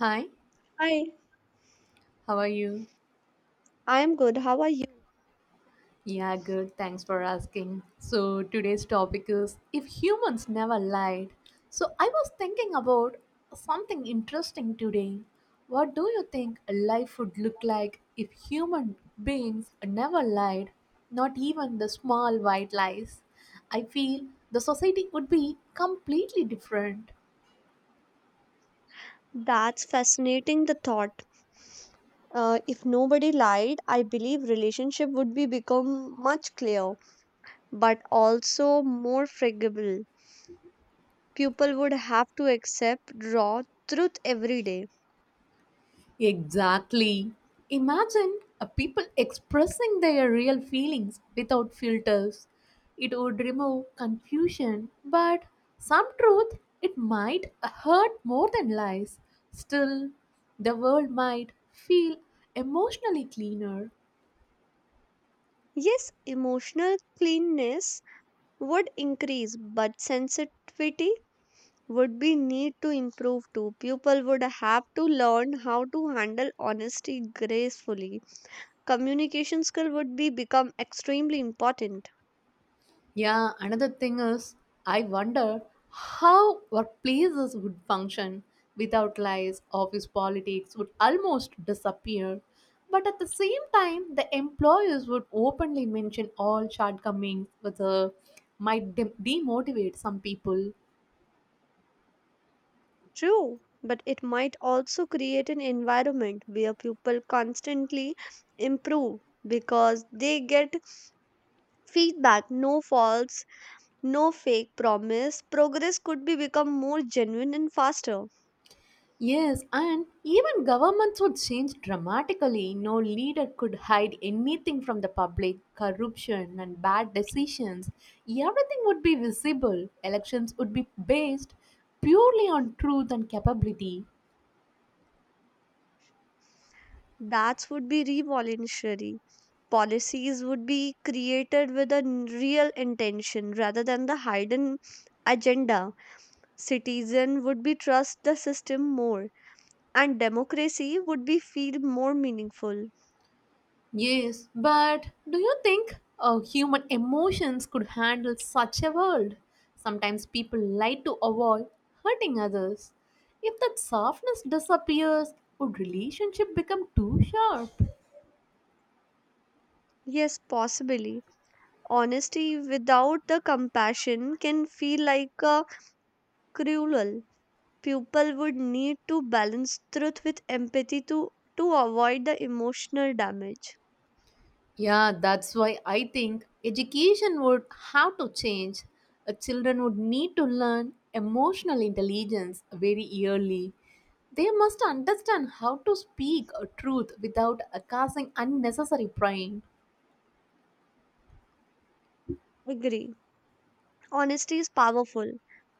Hi, Hi, how are you? I'm good. How are you? Yeah, good. Thanks for asking. So, today's topic is if humans never lied. So, I was thinking about something interesting today. What do you think a life would look like if human beings never lied? Not even the small white lies. I feel the society would be completely different. That's fascinating the thought. If nobody lied, I believe relationship would be become much clearer, but also more forgivable. People would have to accept raw truth every day. Exactly. Imagine people expressing their real feelings without filters. It would remove confusion, but some truth it might hurt more than lies. Still, the world might feel emotionally cleaner. Yes, emotional cleanness would increase, but sensitivity would be need to improve too. People would have to learn how to handle honesty gracefully communication skill would be become extremely important Yeah, another thing is, I wonder how workplaces would function without lies. Office politics would almost disappear. But at the same time, the employers would openly mention all shortcomings, which might demotivate some people. true but it might also create an environment where people constantly improve because they get feedback no faults no fake promise progress could be become more genuine and faster Yes, and even governments would change dramatically. No leader could hide anything from the public, corruption and bad decisions. Everything would be visible. Elections would be based purely on truth and capability. that would be revolutionary policies would be created with real intention rather than the hidden agenda citizen would be trust the system more and democracy would be feel more meaningful. Yes, but do you think human emotions could handle such a world? Sometimes people lie to avoid hurting others. If that softness disappears, would relationship become too sharp? Yes, possibly. Honesty without the compassion can feel like a cruel. People would need to balance truth with empathy to avoid the emotional damage. Yeah, that's why I think education would have to change. Children would need to learn emotional intelligence very early. They must understand how to speak a truth without causing unnecessary pain. Agree. Honesty is powerful,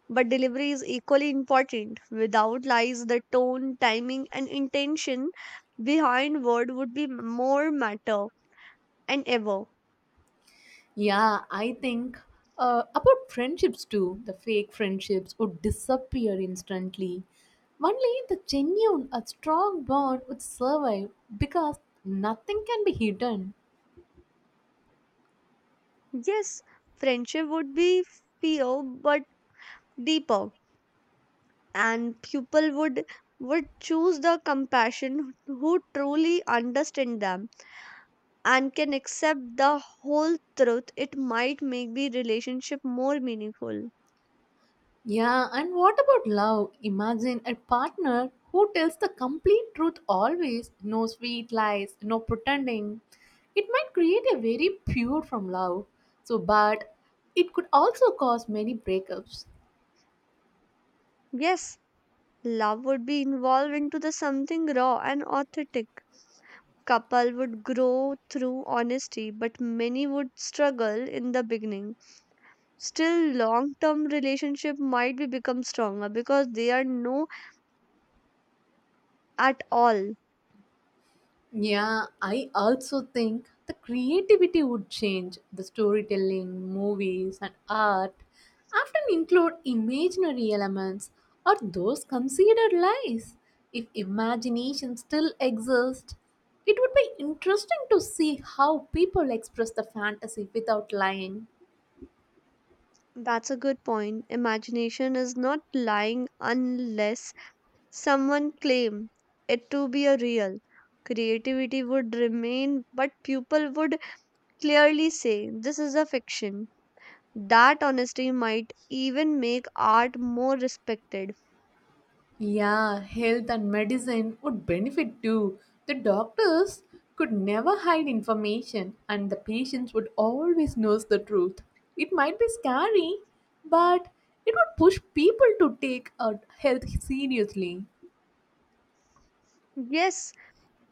but delivery is equally important. Without lies, the tone, timing, and intention behind word would be more matter and ever. Yeah, I think about friendships too. The fake friendships would disappear instantly. Only the genuine, a strong bond would survive because nothing can be hidden. Yes, friendship would be fewer but deeper, and people would choose the compassion who truly understand them and can accept the whole truth. It might make the relationship more meaningful. Yeah, and what about love? Imagine a partner who tells the complete truth always, no sweet lies, no pretending. It might create a very pure from love. So, but it could also cause many breakups. Yes, love would be involved into the something raw and authentic. Couple would grow through honesty, but many would struggle in the beginning. Still long term relationship might be become stronger because they are no at all. Yeah, I also think the creativity would change. The storytelling, movies, and art often include imaginary elements or those considered lies. If imagination still exists, it would be interesting to see how people express the fantasy without lying. That's a good point. Imagination is not lying unless someone claim it to be a real creativity would remain but people would clearly say this is a fiction that honesty might even make art more respected. Yeah, health and medicine would benefit too. The doctors could never hide information, and the patients would always know the truth. It might be scary, but it would push people to take health seriously. Yes,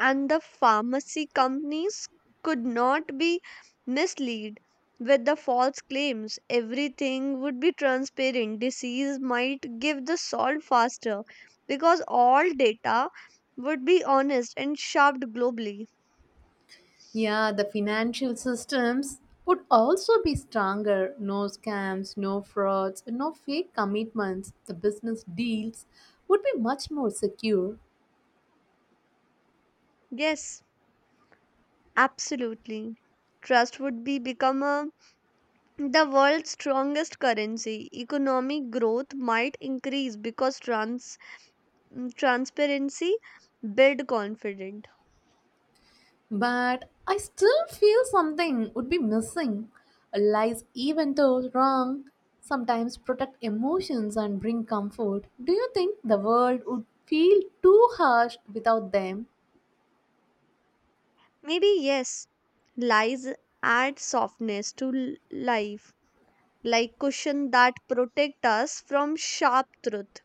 and the pharmacy companies could not be misled with the false claims. Everything would be transparent. Disease might give the salt faster because all data would be honest and shoved globally. Yeah, the financial systems would also be stronger. No scams, no frauds, no fake commitments. The business deals would be much more secure. Yes, absolutely. Trust would be become the world's strongest currency. Economic growth might increase because transparency build confidence. But I still feel something would be missing. Lies, even though wrong, sometimes protect emotions and bring comfort. Do you think the world would feel too harsh without them? Maybe yes, lies add softness to life like cushion that protect us from sharp truth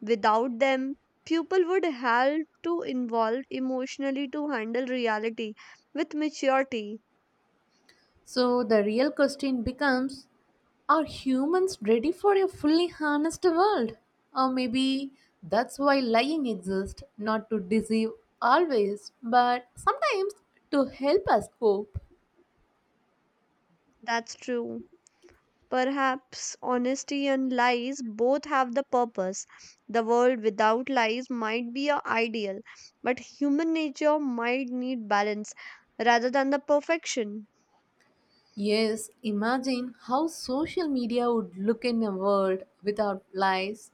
without them people would have to involve emotionally to handle reality with maturity. So the real question becomes are humans ready for a fully honest world? Or maybe that's why lying exists, not to deceive always, but sometimes to help us cope. That's true. Perhaps honesty and lies both have the purpose the world without lies might be a ideal but human nature might need balance rather than the perfection. Yes, imagine how social media would look in a world without lies.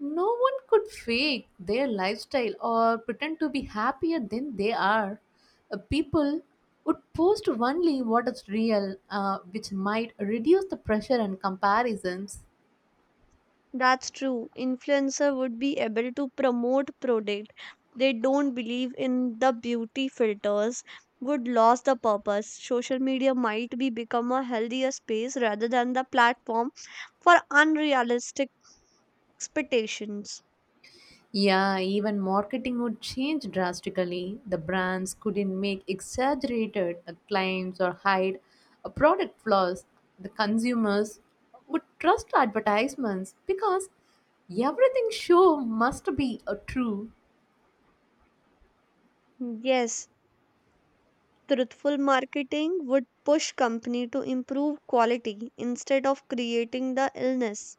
No one could fake their lifestyle or pretend to be happier than they are. People would post only what is real, which might reduce the pressure and comparisons. That's true. Influencer would be able to promote product they don't believe in the beauty filters would lose the purpose. Social media might be become a healthier space rather than the platform for unrealistic expectations. Yeah, even marketing would change drastically. The brands couldn't make exaggerated claims or hide product flaws. The consumers would trust advertisements because everything show must be a true. Yes, truthful marketing would push company to improve quality instead of creating the illness.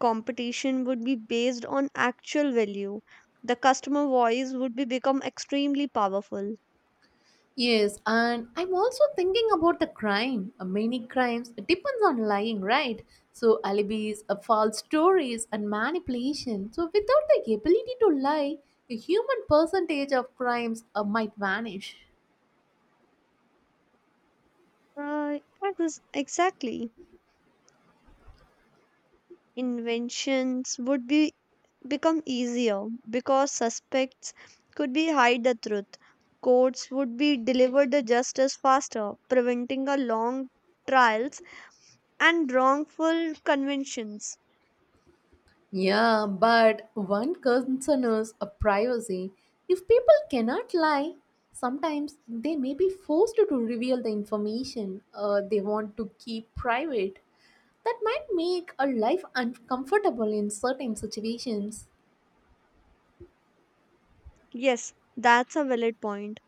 Competition would be based on actual value the customer voice would be become extremely powerful. Yes, and I'm also thinking about the crime. Many crimes depends on lying, right? So alibis, false stories, and manipulation. So without the ability to lie, a human percentage of crimes might vanish. uh, exactly, inventions would be become easier because suspects could be hide the truth courts would be delivered the justice faster preventing a long trials and wrongful conventions. Yeah, but one concern is a privacy. If people cannot lie, sometimes they may be forced to reveal the information they want to keep private. That might make a life uncomfortable in certain situations. Yes, that's a valid point.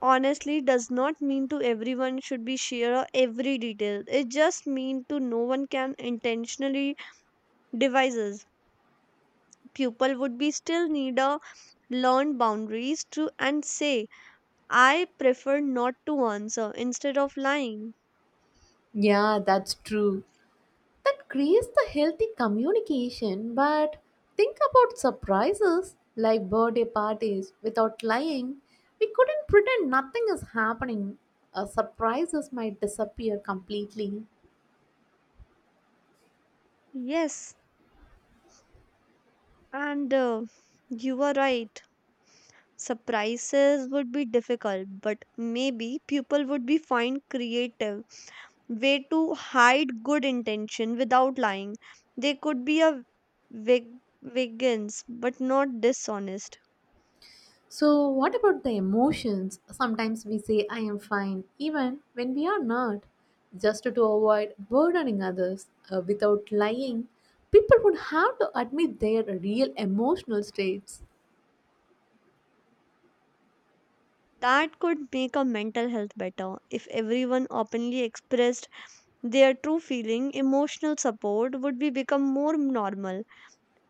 Honestly does not mean to everyone should be share or every detail it just mean to no one can intentionally devices people would be still need a learn boundaries to and say I prefer not to answer instead of lying. Yeah, that's true. That creates the healthy communication, but think about surprises like birthday parties. Without lying, we couldn't pretend nothing is happening. Surprises might disappear completely. Yes, and you are right. Surprises would be difficult but maybe people would be find creative way to hide good intention without lying. They could be a veg- vegans but not dishonest. So, what about the emotions? Sometimes we say, I am fine, even when we are not, just to avoid burdening others without lying. People would have to admit their real emotional states. That could make a mental health better if everyone openly expressed their true feeling. Emotional support would be become more normal.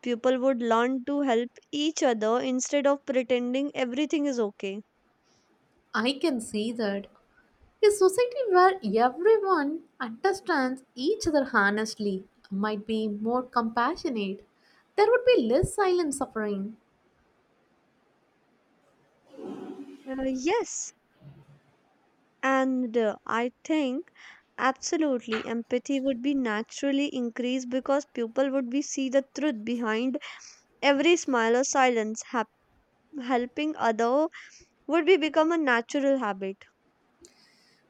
People would learn to help each other instead of pretending everything is okay. I can see that. A society where everyone understands each other honestly might be more compassionate. There would be less silent suffering. Yes, And I think absolutely empathy would be naturally increased because people would be see the truth behind every smile or silence. Helping other would be become a natural habit.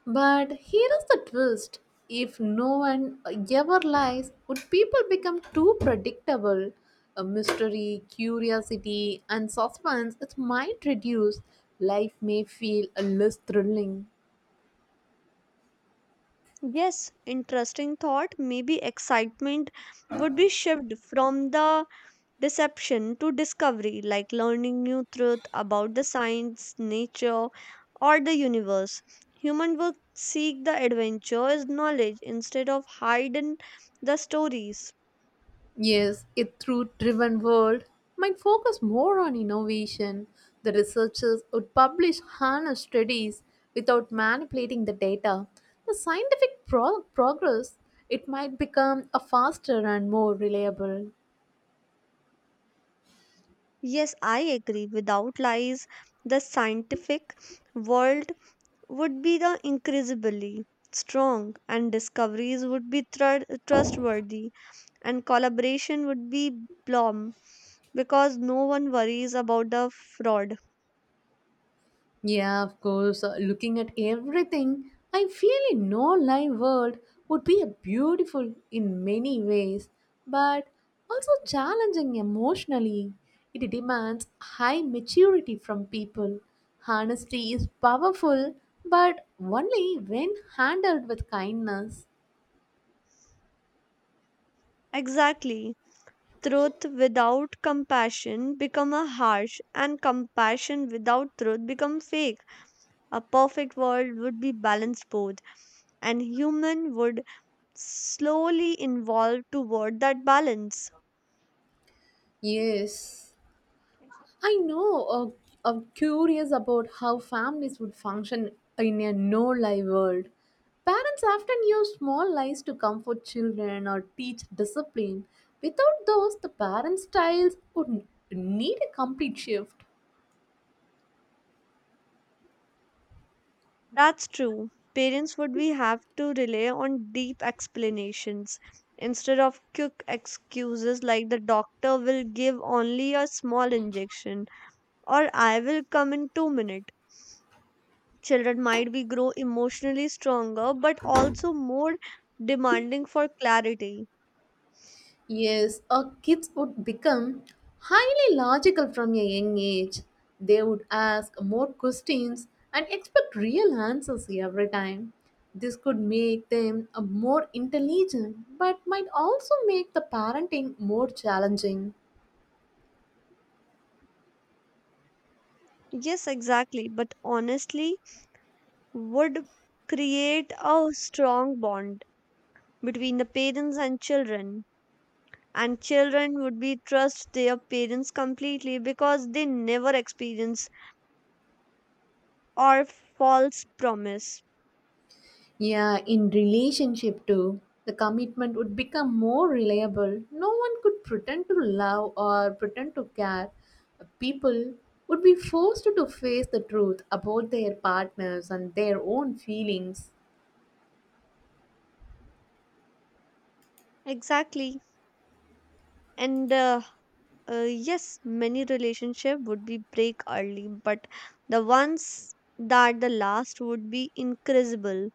But here is the twist if no one ever lies, would people become too predictable? A mystery, curiosity, and suspense it might reduce. Life may feel a less thrilling. Yes, interesting thought. Maybe excitement would be shift from the deception to discovery, like learning new truth about the science, nature, or the universe. Human will seek the adventure is knowledge instead of hiding the stories. Yes, a through driven world might focus more on innovation. The researchers would publish honest studies without manipulating the data. The scientific progress it might become a faster and more reliable. Yes, I agree. Without lies, the scientific world would be the increasingly strong, and discoveries would be trustworthy, and collaboration would be blom because no one worries about the fraud. Yeah, of course. Looking at everything, I feel a no life world would be a beautiful in many ways, but also challenging emotionally. It demands high maturity from people. Honesty is powerful, but only when handled with kindness. Exactly. Truth without compassion become a harsh and compassion without truth become fake a perfect world would be balanced both and human would slowly evolve toward that balance. Yes. I know. I'm curious about how families would function in a no lie world. Parents often use small lies to comfort children or teach discipline. Without those, the parent styles would need a complete shift. That's true. Parents would we have to rely on deep explanations instead of quick excuses like the doctor will give only a small injection or I will come in 2 minutes. Children might be grow emotionally stronger but also more demanding for clarity. Yes, our kids would become highly logical from a young age. They would ask more questions and expect real answers every time. This could make them more intelligent but might also make the parenting more challenging. Yes, exactly. But honestly, would create a strong bond between the parents and children. And children would be trust their parents completely because they never experience or false promise. Yeah, in relationship too, the commitment would become more reliable. No one could pretend to love or pretend to care. People would be forced to face the truth about their partners and their own feelings. Exactly. And Yes, many relationship would be break early, but the ones that the last would be incredible,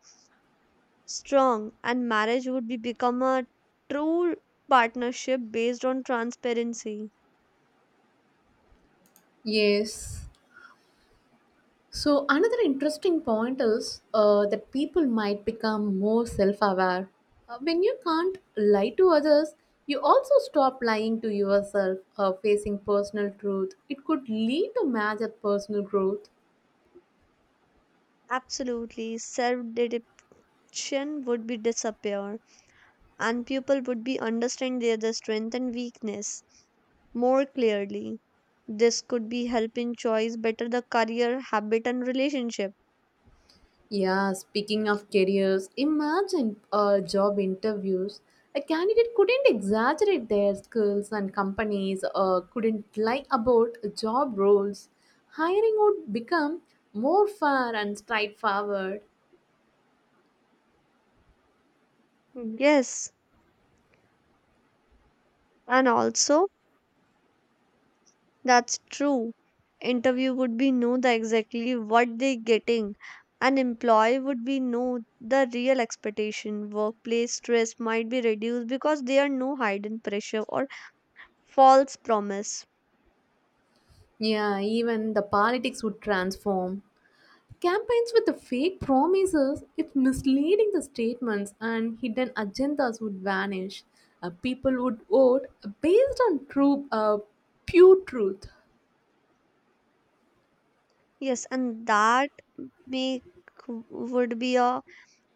strong, and marriage would be become a true partnership based on transparency. Yes. So, another interesting point is that people might become more self aware. When you can't lie to others, you also stop lying to yourself, facing personal truth. It could lead to major personal growth. Absolutely, self-deception would be disappear, and people would be understand their the strength and weakness more clearly. This could be help in choice better the career, habit, and relationship. Yeah, speaking of careers, imagine job interviews. A candidate couldn't exaggerate their skills, and companies couldn't lie about job roles. Hiring would become more fair and straightforward. Yes, and also that's true. Interview would be know the exactly what they getting. An employee would be know the real expectation. Workplace stress might be reduced because there are no hidden pressure or false promise. Yeah, even the politics would transform. Campaigns with the fake promises, if misleading the statements and hidden agendas would vanish. People would vote based on true, pure truth. Yes, and that make would be a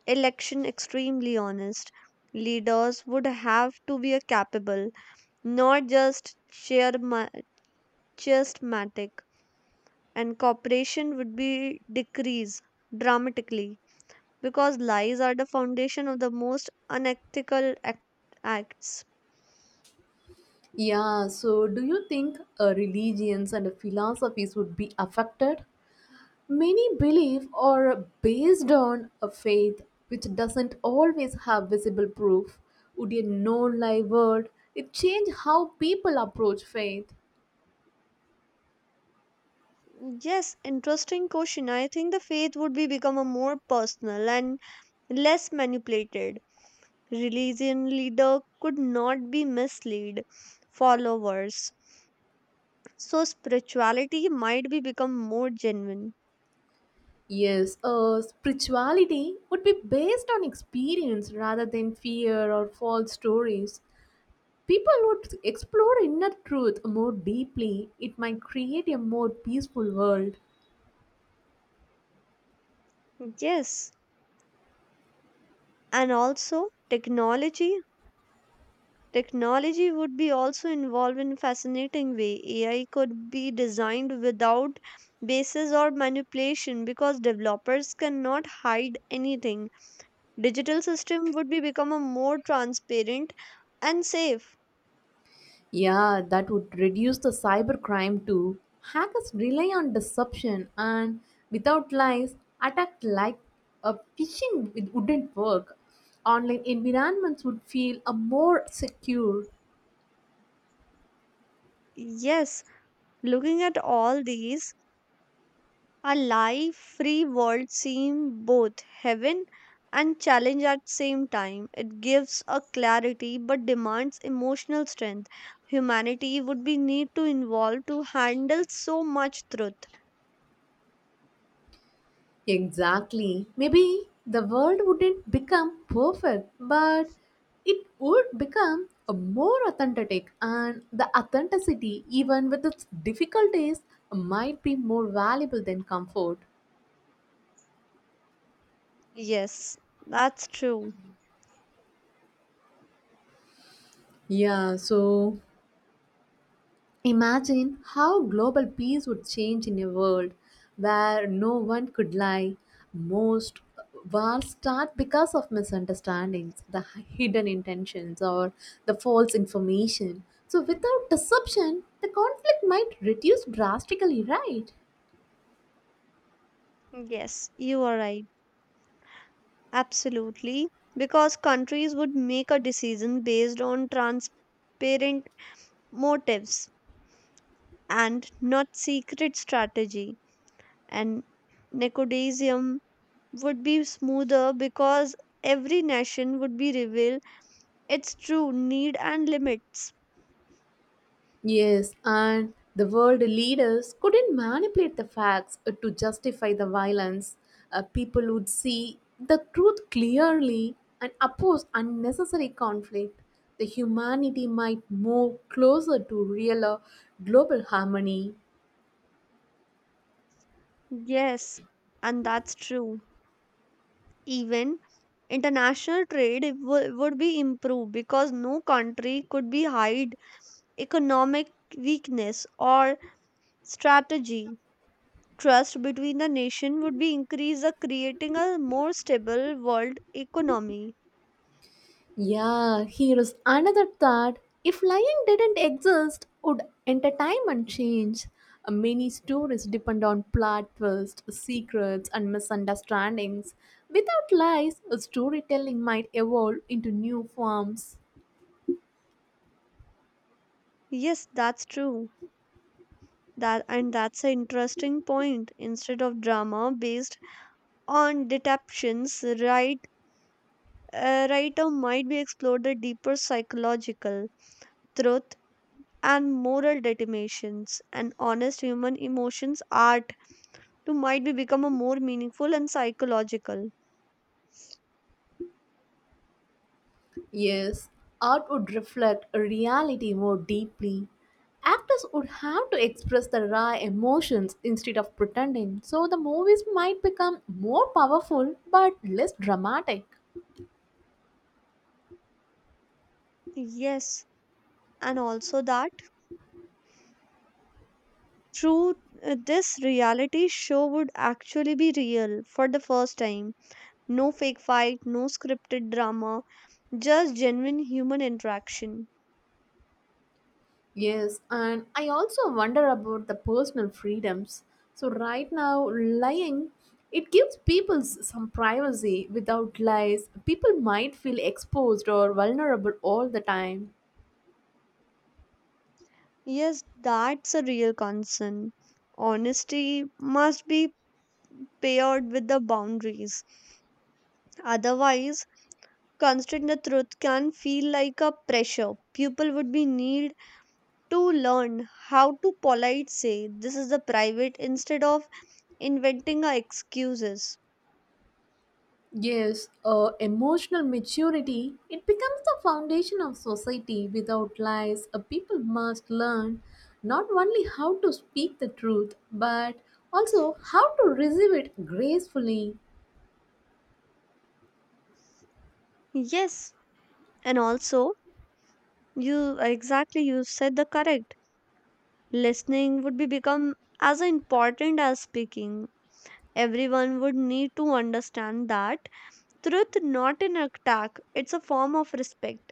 election extremely honest. Leaders would have to be a capable, not just charismatic. And cooperation would be decreased dramatically because lies are the foundation of the most unethical act- acts. Yeah, so do you think religions and philosophies would be affected? Many believe are based on a faith which doesn't always have visible proof. Would a no lie world it change how people approach faith? Yes interesting question I think the faith would be become a more personal and less manipulated religion leader could not be mislead followers so spirituality might be become more genuine. Yes, spirituality would be based on experience rather than fear or false stories. People would explore inner truth more deeply. It might create a more peaceful world. Yes, and also technology technology would be also involved in fascinating way. AI could be designed without basis or manipulation because developers cannot hide anything. Digital system would be become a more transparent and safe. Yeah, that would reduce the cybercrime too. Hackers rely on deception and without lies, attack like a phishing it wouldn't work. Online environments would feel a more secure. Yes, looking at all these a live, free world seems both heaven and challenge at same time. It gives a clarity but demands emotional strength. Humanity would be need to involve to handle so much truth. Exactly. Maybe the world wouldn't become perfect, but it would become a more authentic and the authenticity even with its difficulties might be more valuable than comfort. Yes, that's true. Yeah, so imagine how global peace would change in a world where no one could lie. Most wars start because of misunderstandings, the hidden intentions, or the false information. So, without deception, the conflict might reduce drastically, right? Yes, you are right. Absolutely. Because countries would make a decision based on transparent motives and not secret strategy and nepotism would be smoother because every nation would be reveal its true need and limits. Yes, and the world leaders couldn't manipulate the facts to justify the violence. People would see the truth clearly and oppose unnecessary conflict. The humanity might move closer to real global harmony. Yes, and that's true. Even international trade would be improved because no country could be hide economic weakness or strategy. Trust between the nation would be increased, creating a more stable world economy. Yeah, here's another thought. If lying didn't exist, would entertainment change? Many stories depend on plot twists, secrets, and misunderstandings. Without lies, storytelling might evolve into new forms. Yes, that's true. That's an interesting point. Instead of drama based on detaptions right, writer might be explored the deeper psychological truth and moral determinations and honest human emotions art to might be become a more meaningful and psychological. Yes, art would reflect reality more deeply. Actors would have to express the raw emotions instead of pretending, so the movies might become more powerful but less dramatic. Yes, and also that through, this reality show would actually be real for the first time no fake fight no scripted drama just genuine human interaction. Yes, and I also wonder about the personal freedoms. So right now, lying it gives people some privacy. Without lies, people might feel exposed or vulnerable all the time. Yes, that's a real concern. Honesty must be paired with the boundaries. Otherwise, constraint the truth can feel like a pressure. People would be need to learn how to polite say this is a private instead of inventing a excuses. Yes, emotional maturity it becomes the foundation of society. Without lies, people must learn not only how to speak the truth but also how to receive it gracefully. Yes, and also you exactly you said the correct. Listening would be become as important as speaking. Everyone would need to understand that truth, not an attack, it's a form of respect.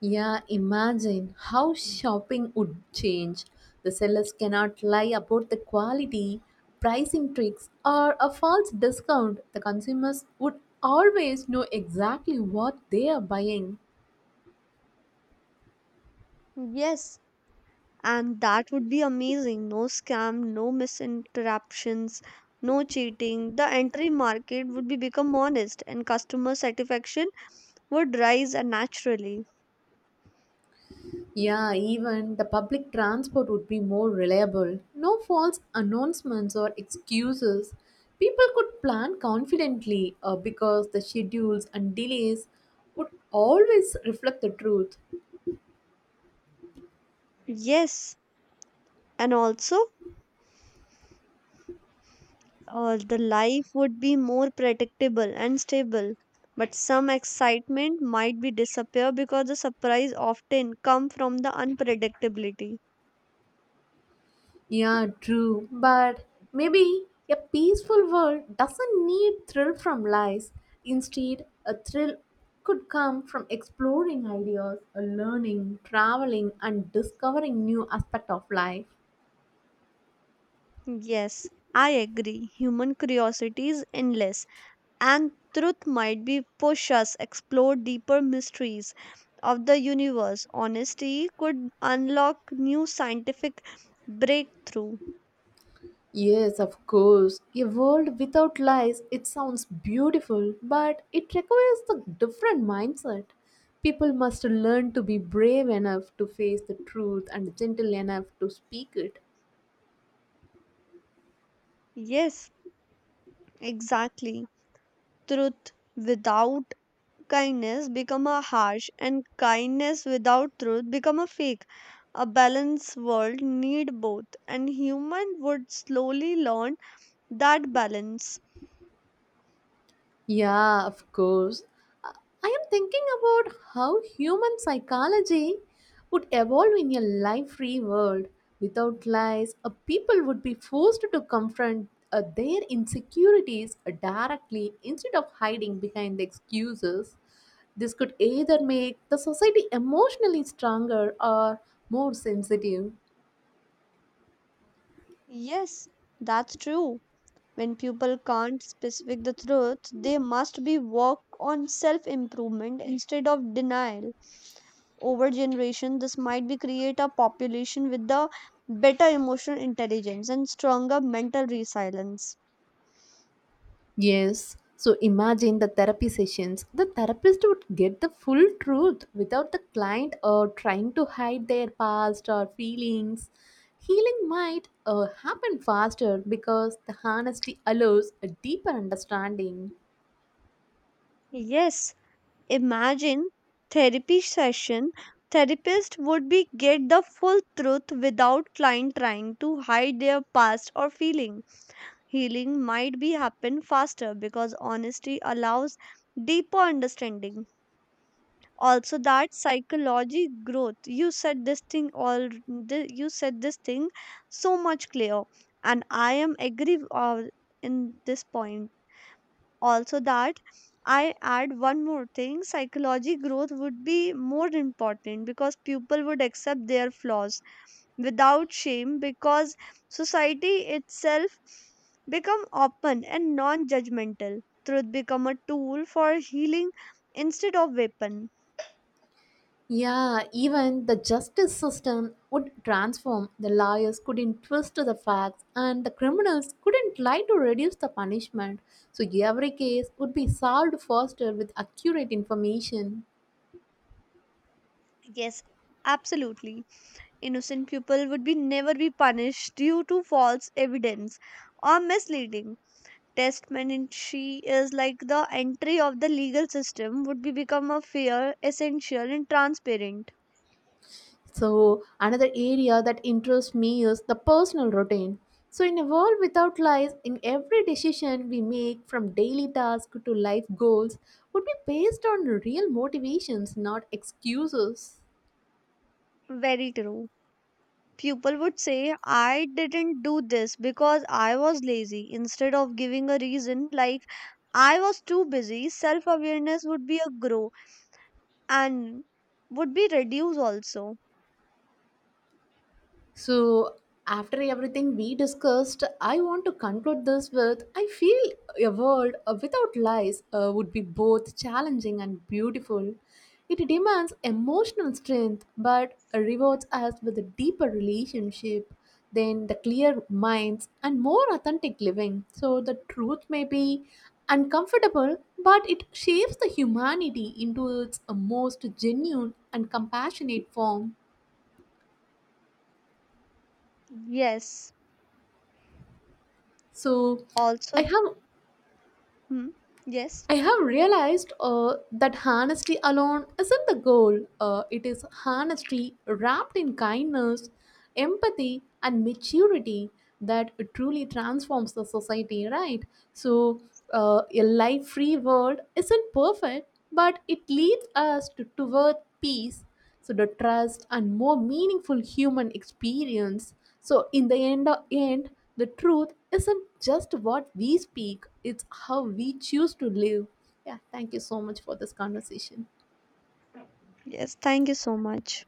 Yeah, imagine how shopping would change. The sellers cannot lie about the quality, pricing tricks, or a false discount. The consumers would always know exactly what they are buying. Yes, and that would be amazing. No scam, no misinterruptions, no cheating. The entry market would be become honest and customer satisfaction would rise naturally. Yeah, even the public transport would be more reliable. No false announcements or excuses. People could plan confidently because the schedules and delays would always reflect the truth. Yes, and also the life would be more predictable and stable. But some excitement might be disappear because the surprise often come from the unpredictability. Yeah, true. But maybe a peaceful world doesn't need thrill from lies. Instead, a thrill could come from exploring ideas, learning, traveling, and discovering new aspect of life. Yes, I agree. Human curiosity is endless, and truth might be push us explore deeper mysteries of the universe. Honesty could unlock new scientific breakthrough. Yes, of course. A world without lies, it sounds beautiful, but it requires a different mindset. People must learn to be brave enough to face the truth and gentle enough to speak it. Yes, exactly. Truth without kindness become a harsh, and kindness without truth become a fake. A balanced world need both, and human would slowly learn that balance. Yeah, of course. I I am thinking about how human psychology would evolve in a life free world. Without lies, people would be forced to confront their insecurities directly instead of hiding behind the excuses. This could either make the society emotionally stronger or more sensitive. Yes, that's true. When people can't specific the truth, they must be work on self-improvement instead of denial. Over generation, this might be create a population with the better emotional intelligence and stronger mental resilience. Yes. So imagine the therapy sessions. The therapist would get the full truth without the client trying to hide their past or feelings. Healing might happen faster because the honesty allows a deeper understanding. Yes, imagine therapy session. Therapist would be get the full truth without client trying to hide their past or feeling. Healing might be happen faster because honesty allows deeper understanding also that psychology growth you said this thing all you said this thing so much clear and I am agree uh, in this point also that I add one more thing psychology growth would be more important because people would accept their flaws without shame because society itself become open and non-judgmental truth become a tool for healing instead of weapon. Yeah, even the justice system would transform. The lawyers couldn't twist the facts, and the criminals couldn't lie to reduce the punishment. So every case would be solved faster with accurate information. Yes absolutely innocent people would be never be punished due to false evidence or misleading testamentary is like the entry of the legal system would be become a fair, essential, and transparent. So, another area that interests me is the personal routine. So, in a world without lies, in every decision we make from daily tasks to life goals would be based on real motivations, not excuses. Very true. People would say, I didn't do this because I was lazy, instead of giving a reason like I was too busy. Self awareness would be a grow and would be reduced also. So, after everything we discussed, I want to conclude this with I feel a world without lies would be both challenging and beautiful. It demands emotional strength but rewards us with a deeper relationship then the clear minds and more authentic living. So, the truth may be uncomfortable, but it shapes the humanity into its most genuine and compassionate form. Yes. So, I Also, have hmm, yes. I have realized that honesty alone isn't the goal. It is honesty wrapped in kindness, empathy, and maturity that truly transforms the society, right? So, a life free world isn't perfect, but it leads us to, toward peace, so the trust, and more meaningful human experience. So, in the end, end, the truth isn't just what we speak, it's how we choose to live. Yeah, thank you so much for this conversation. Yes. Thank you so much.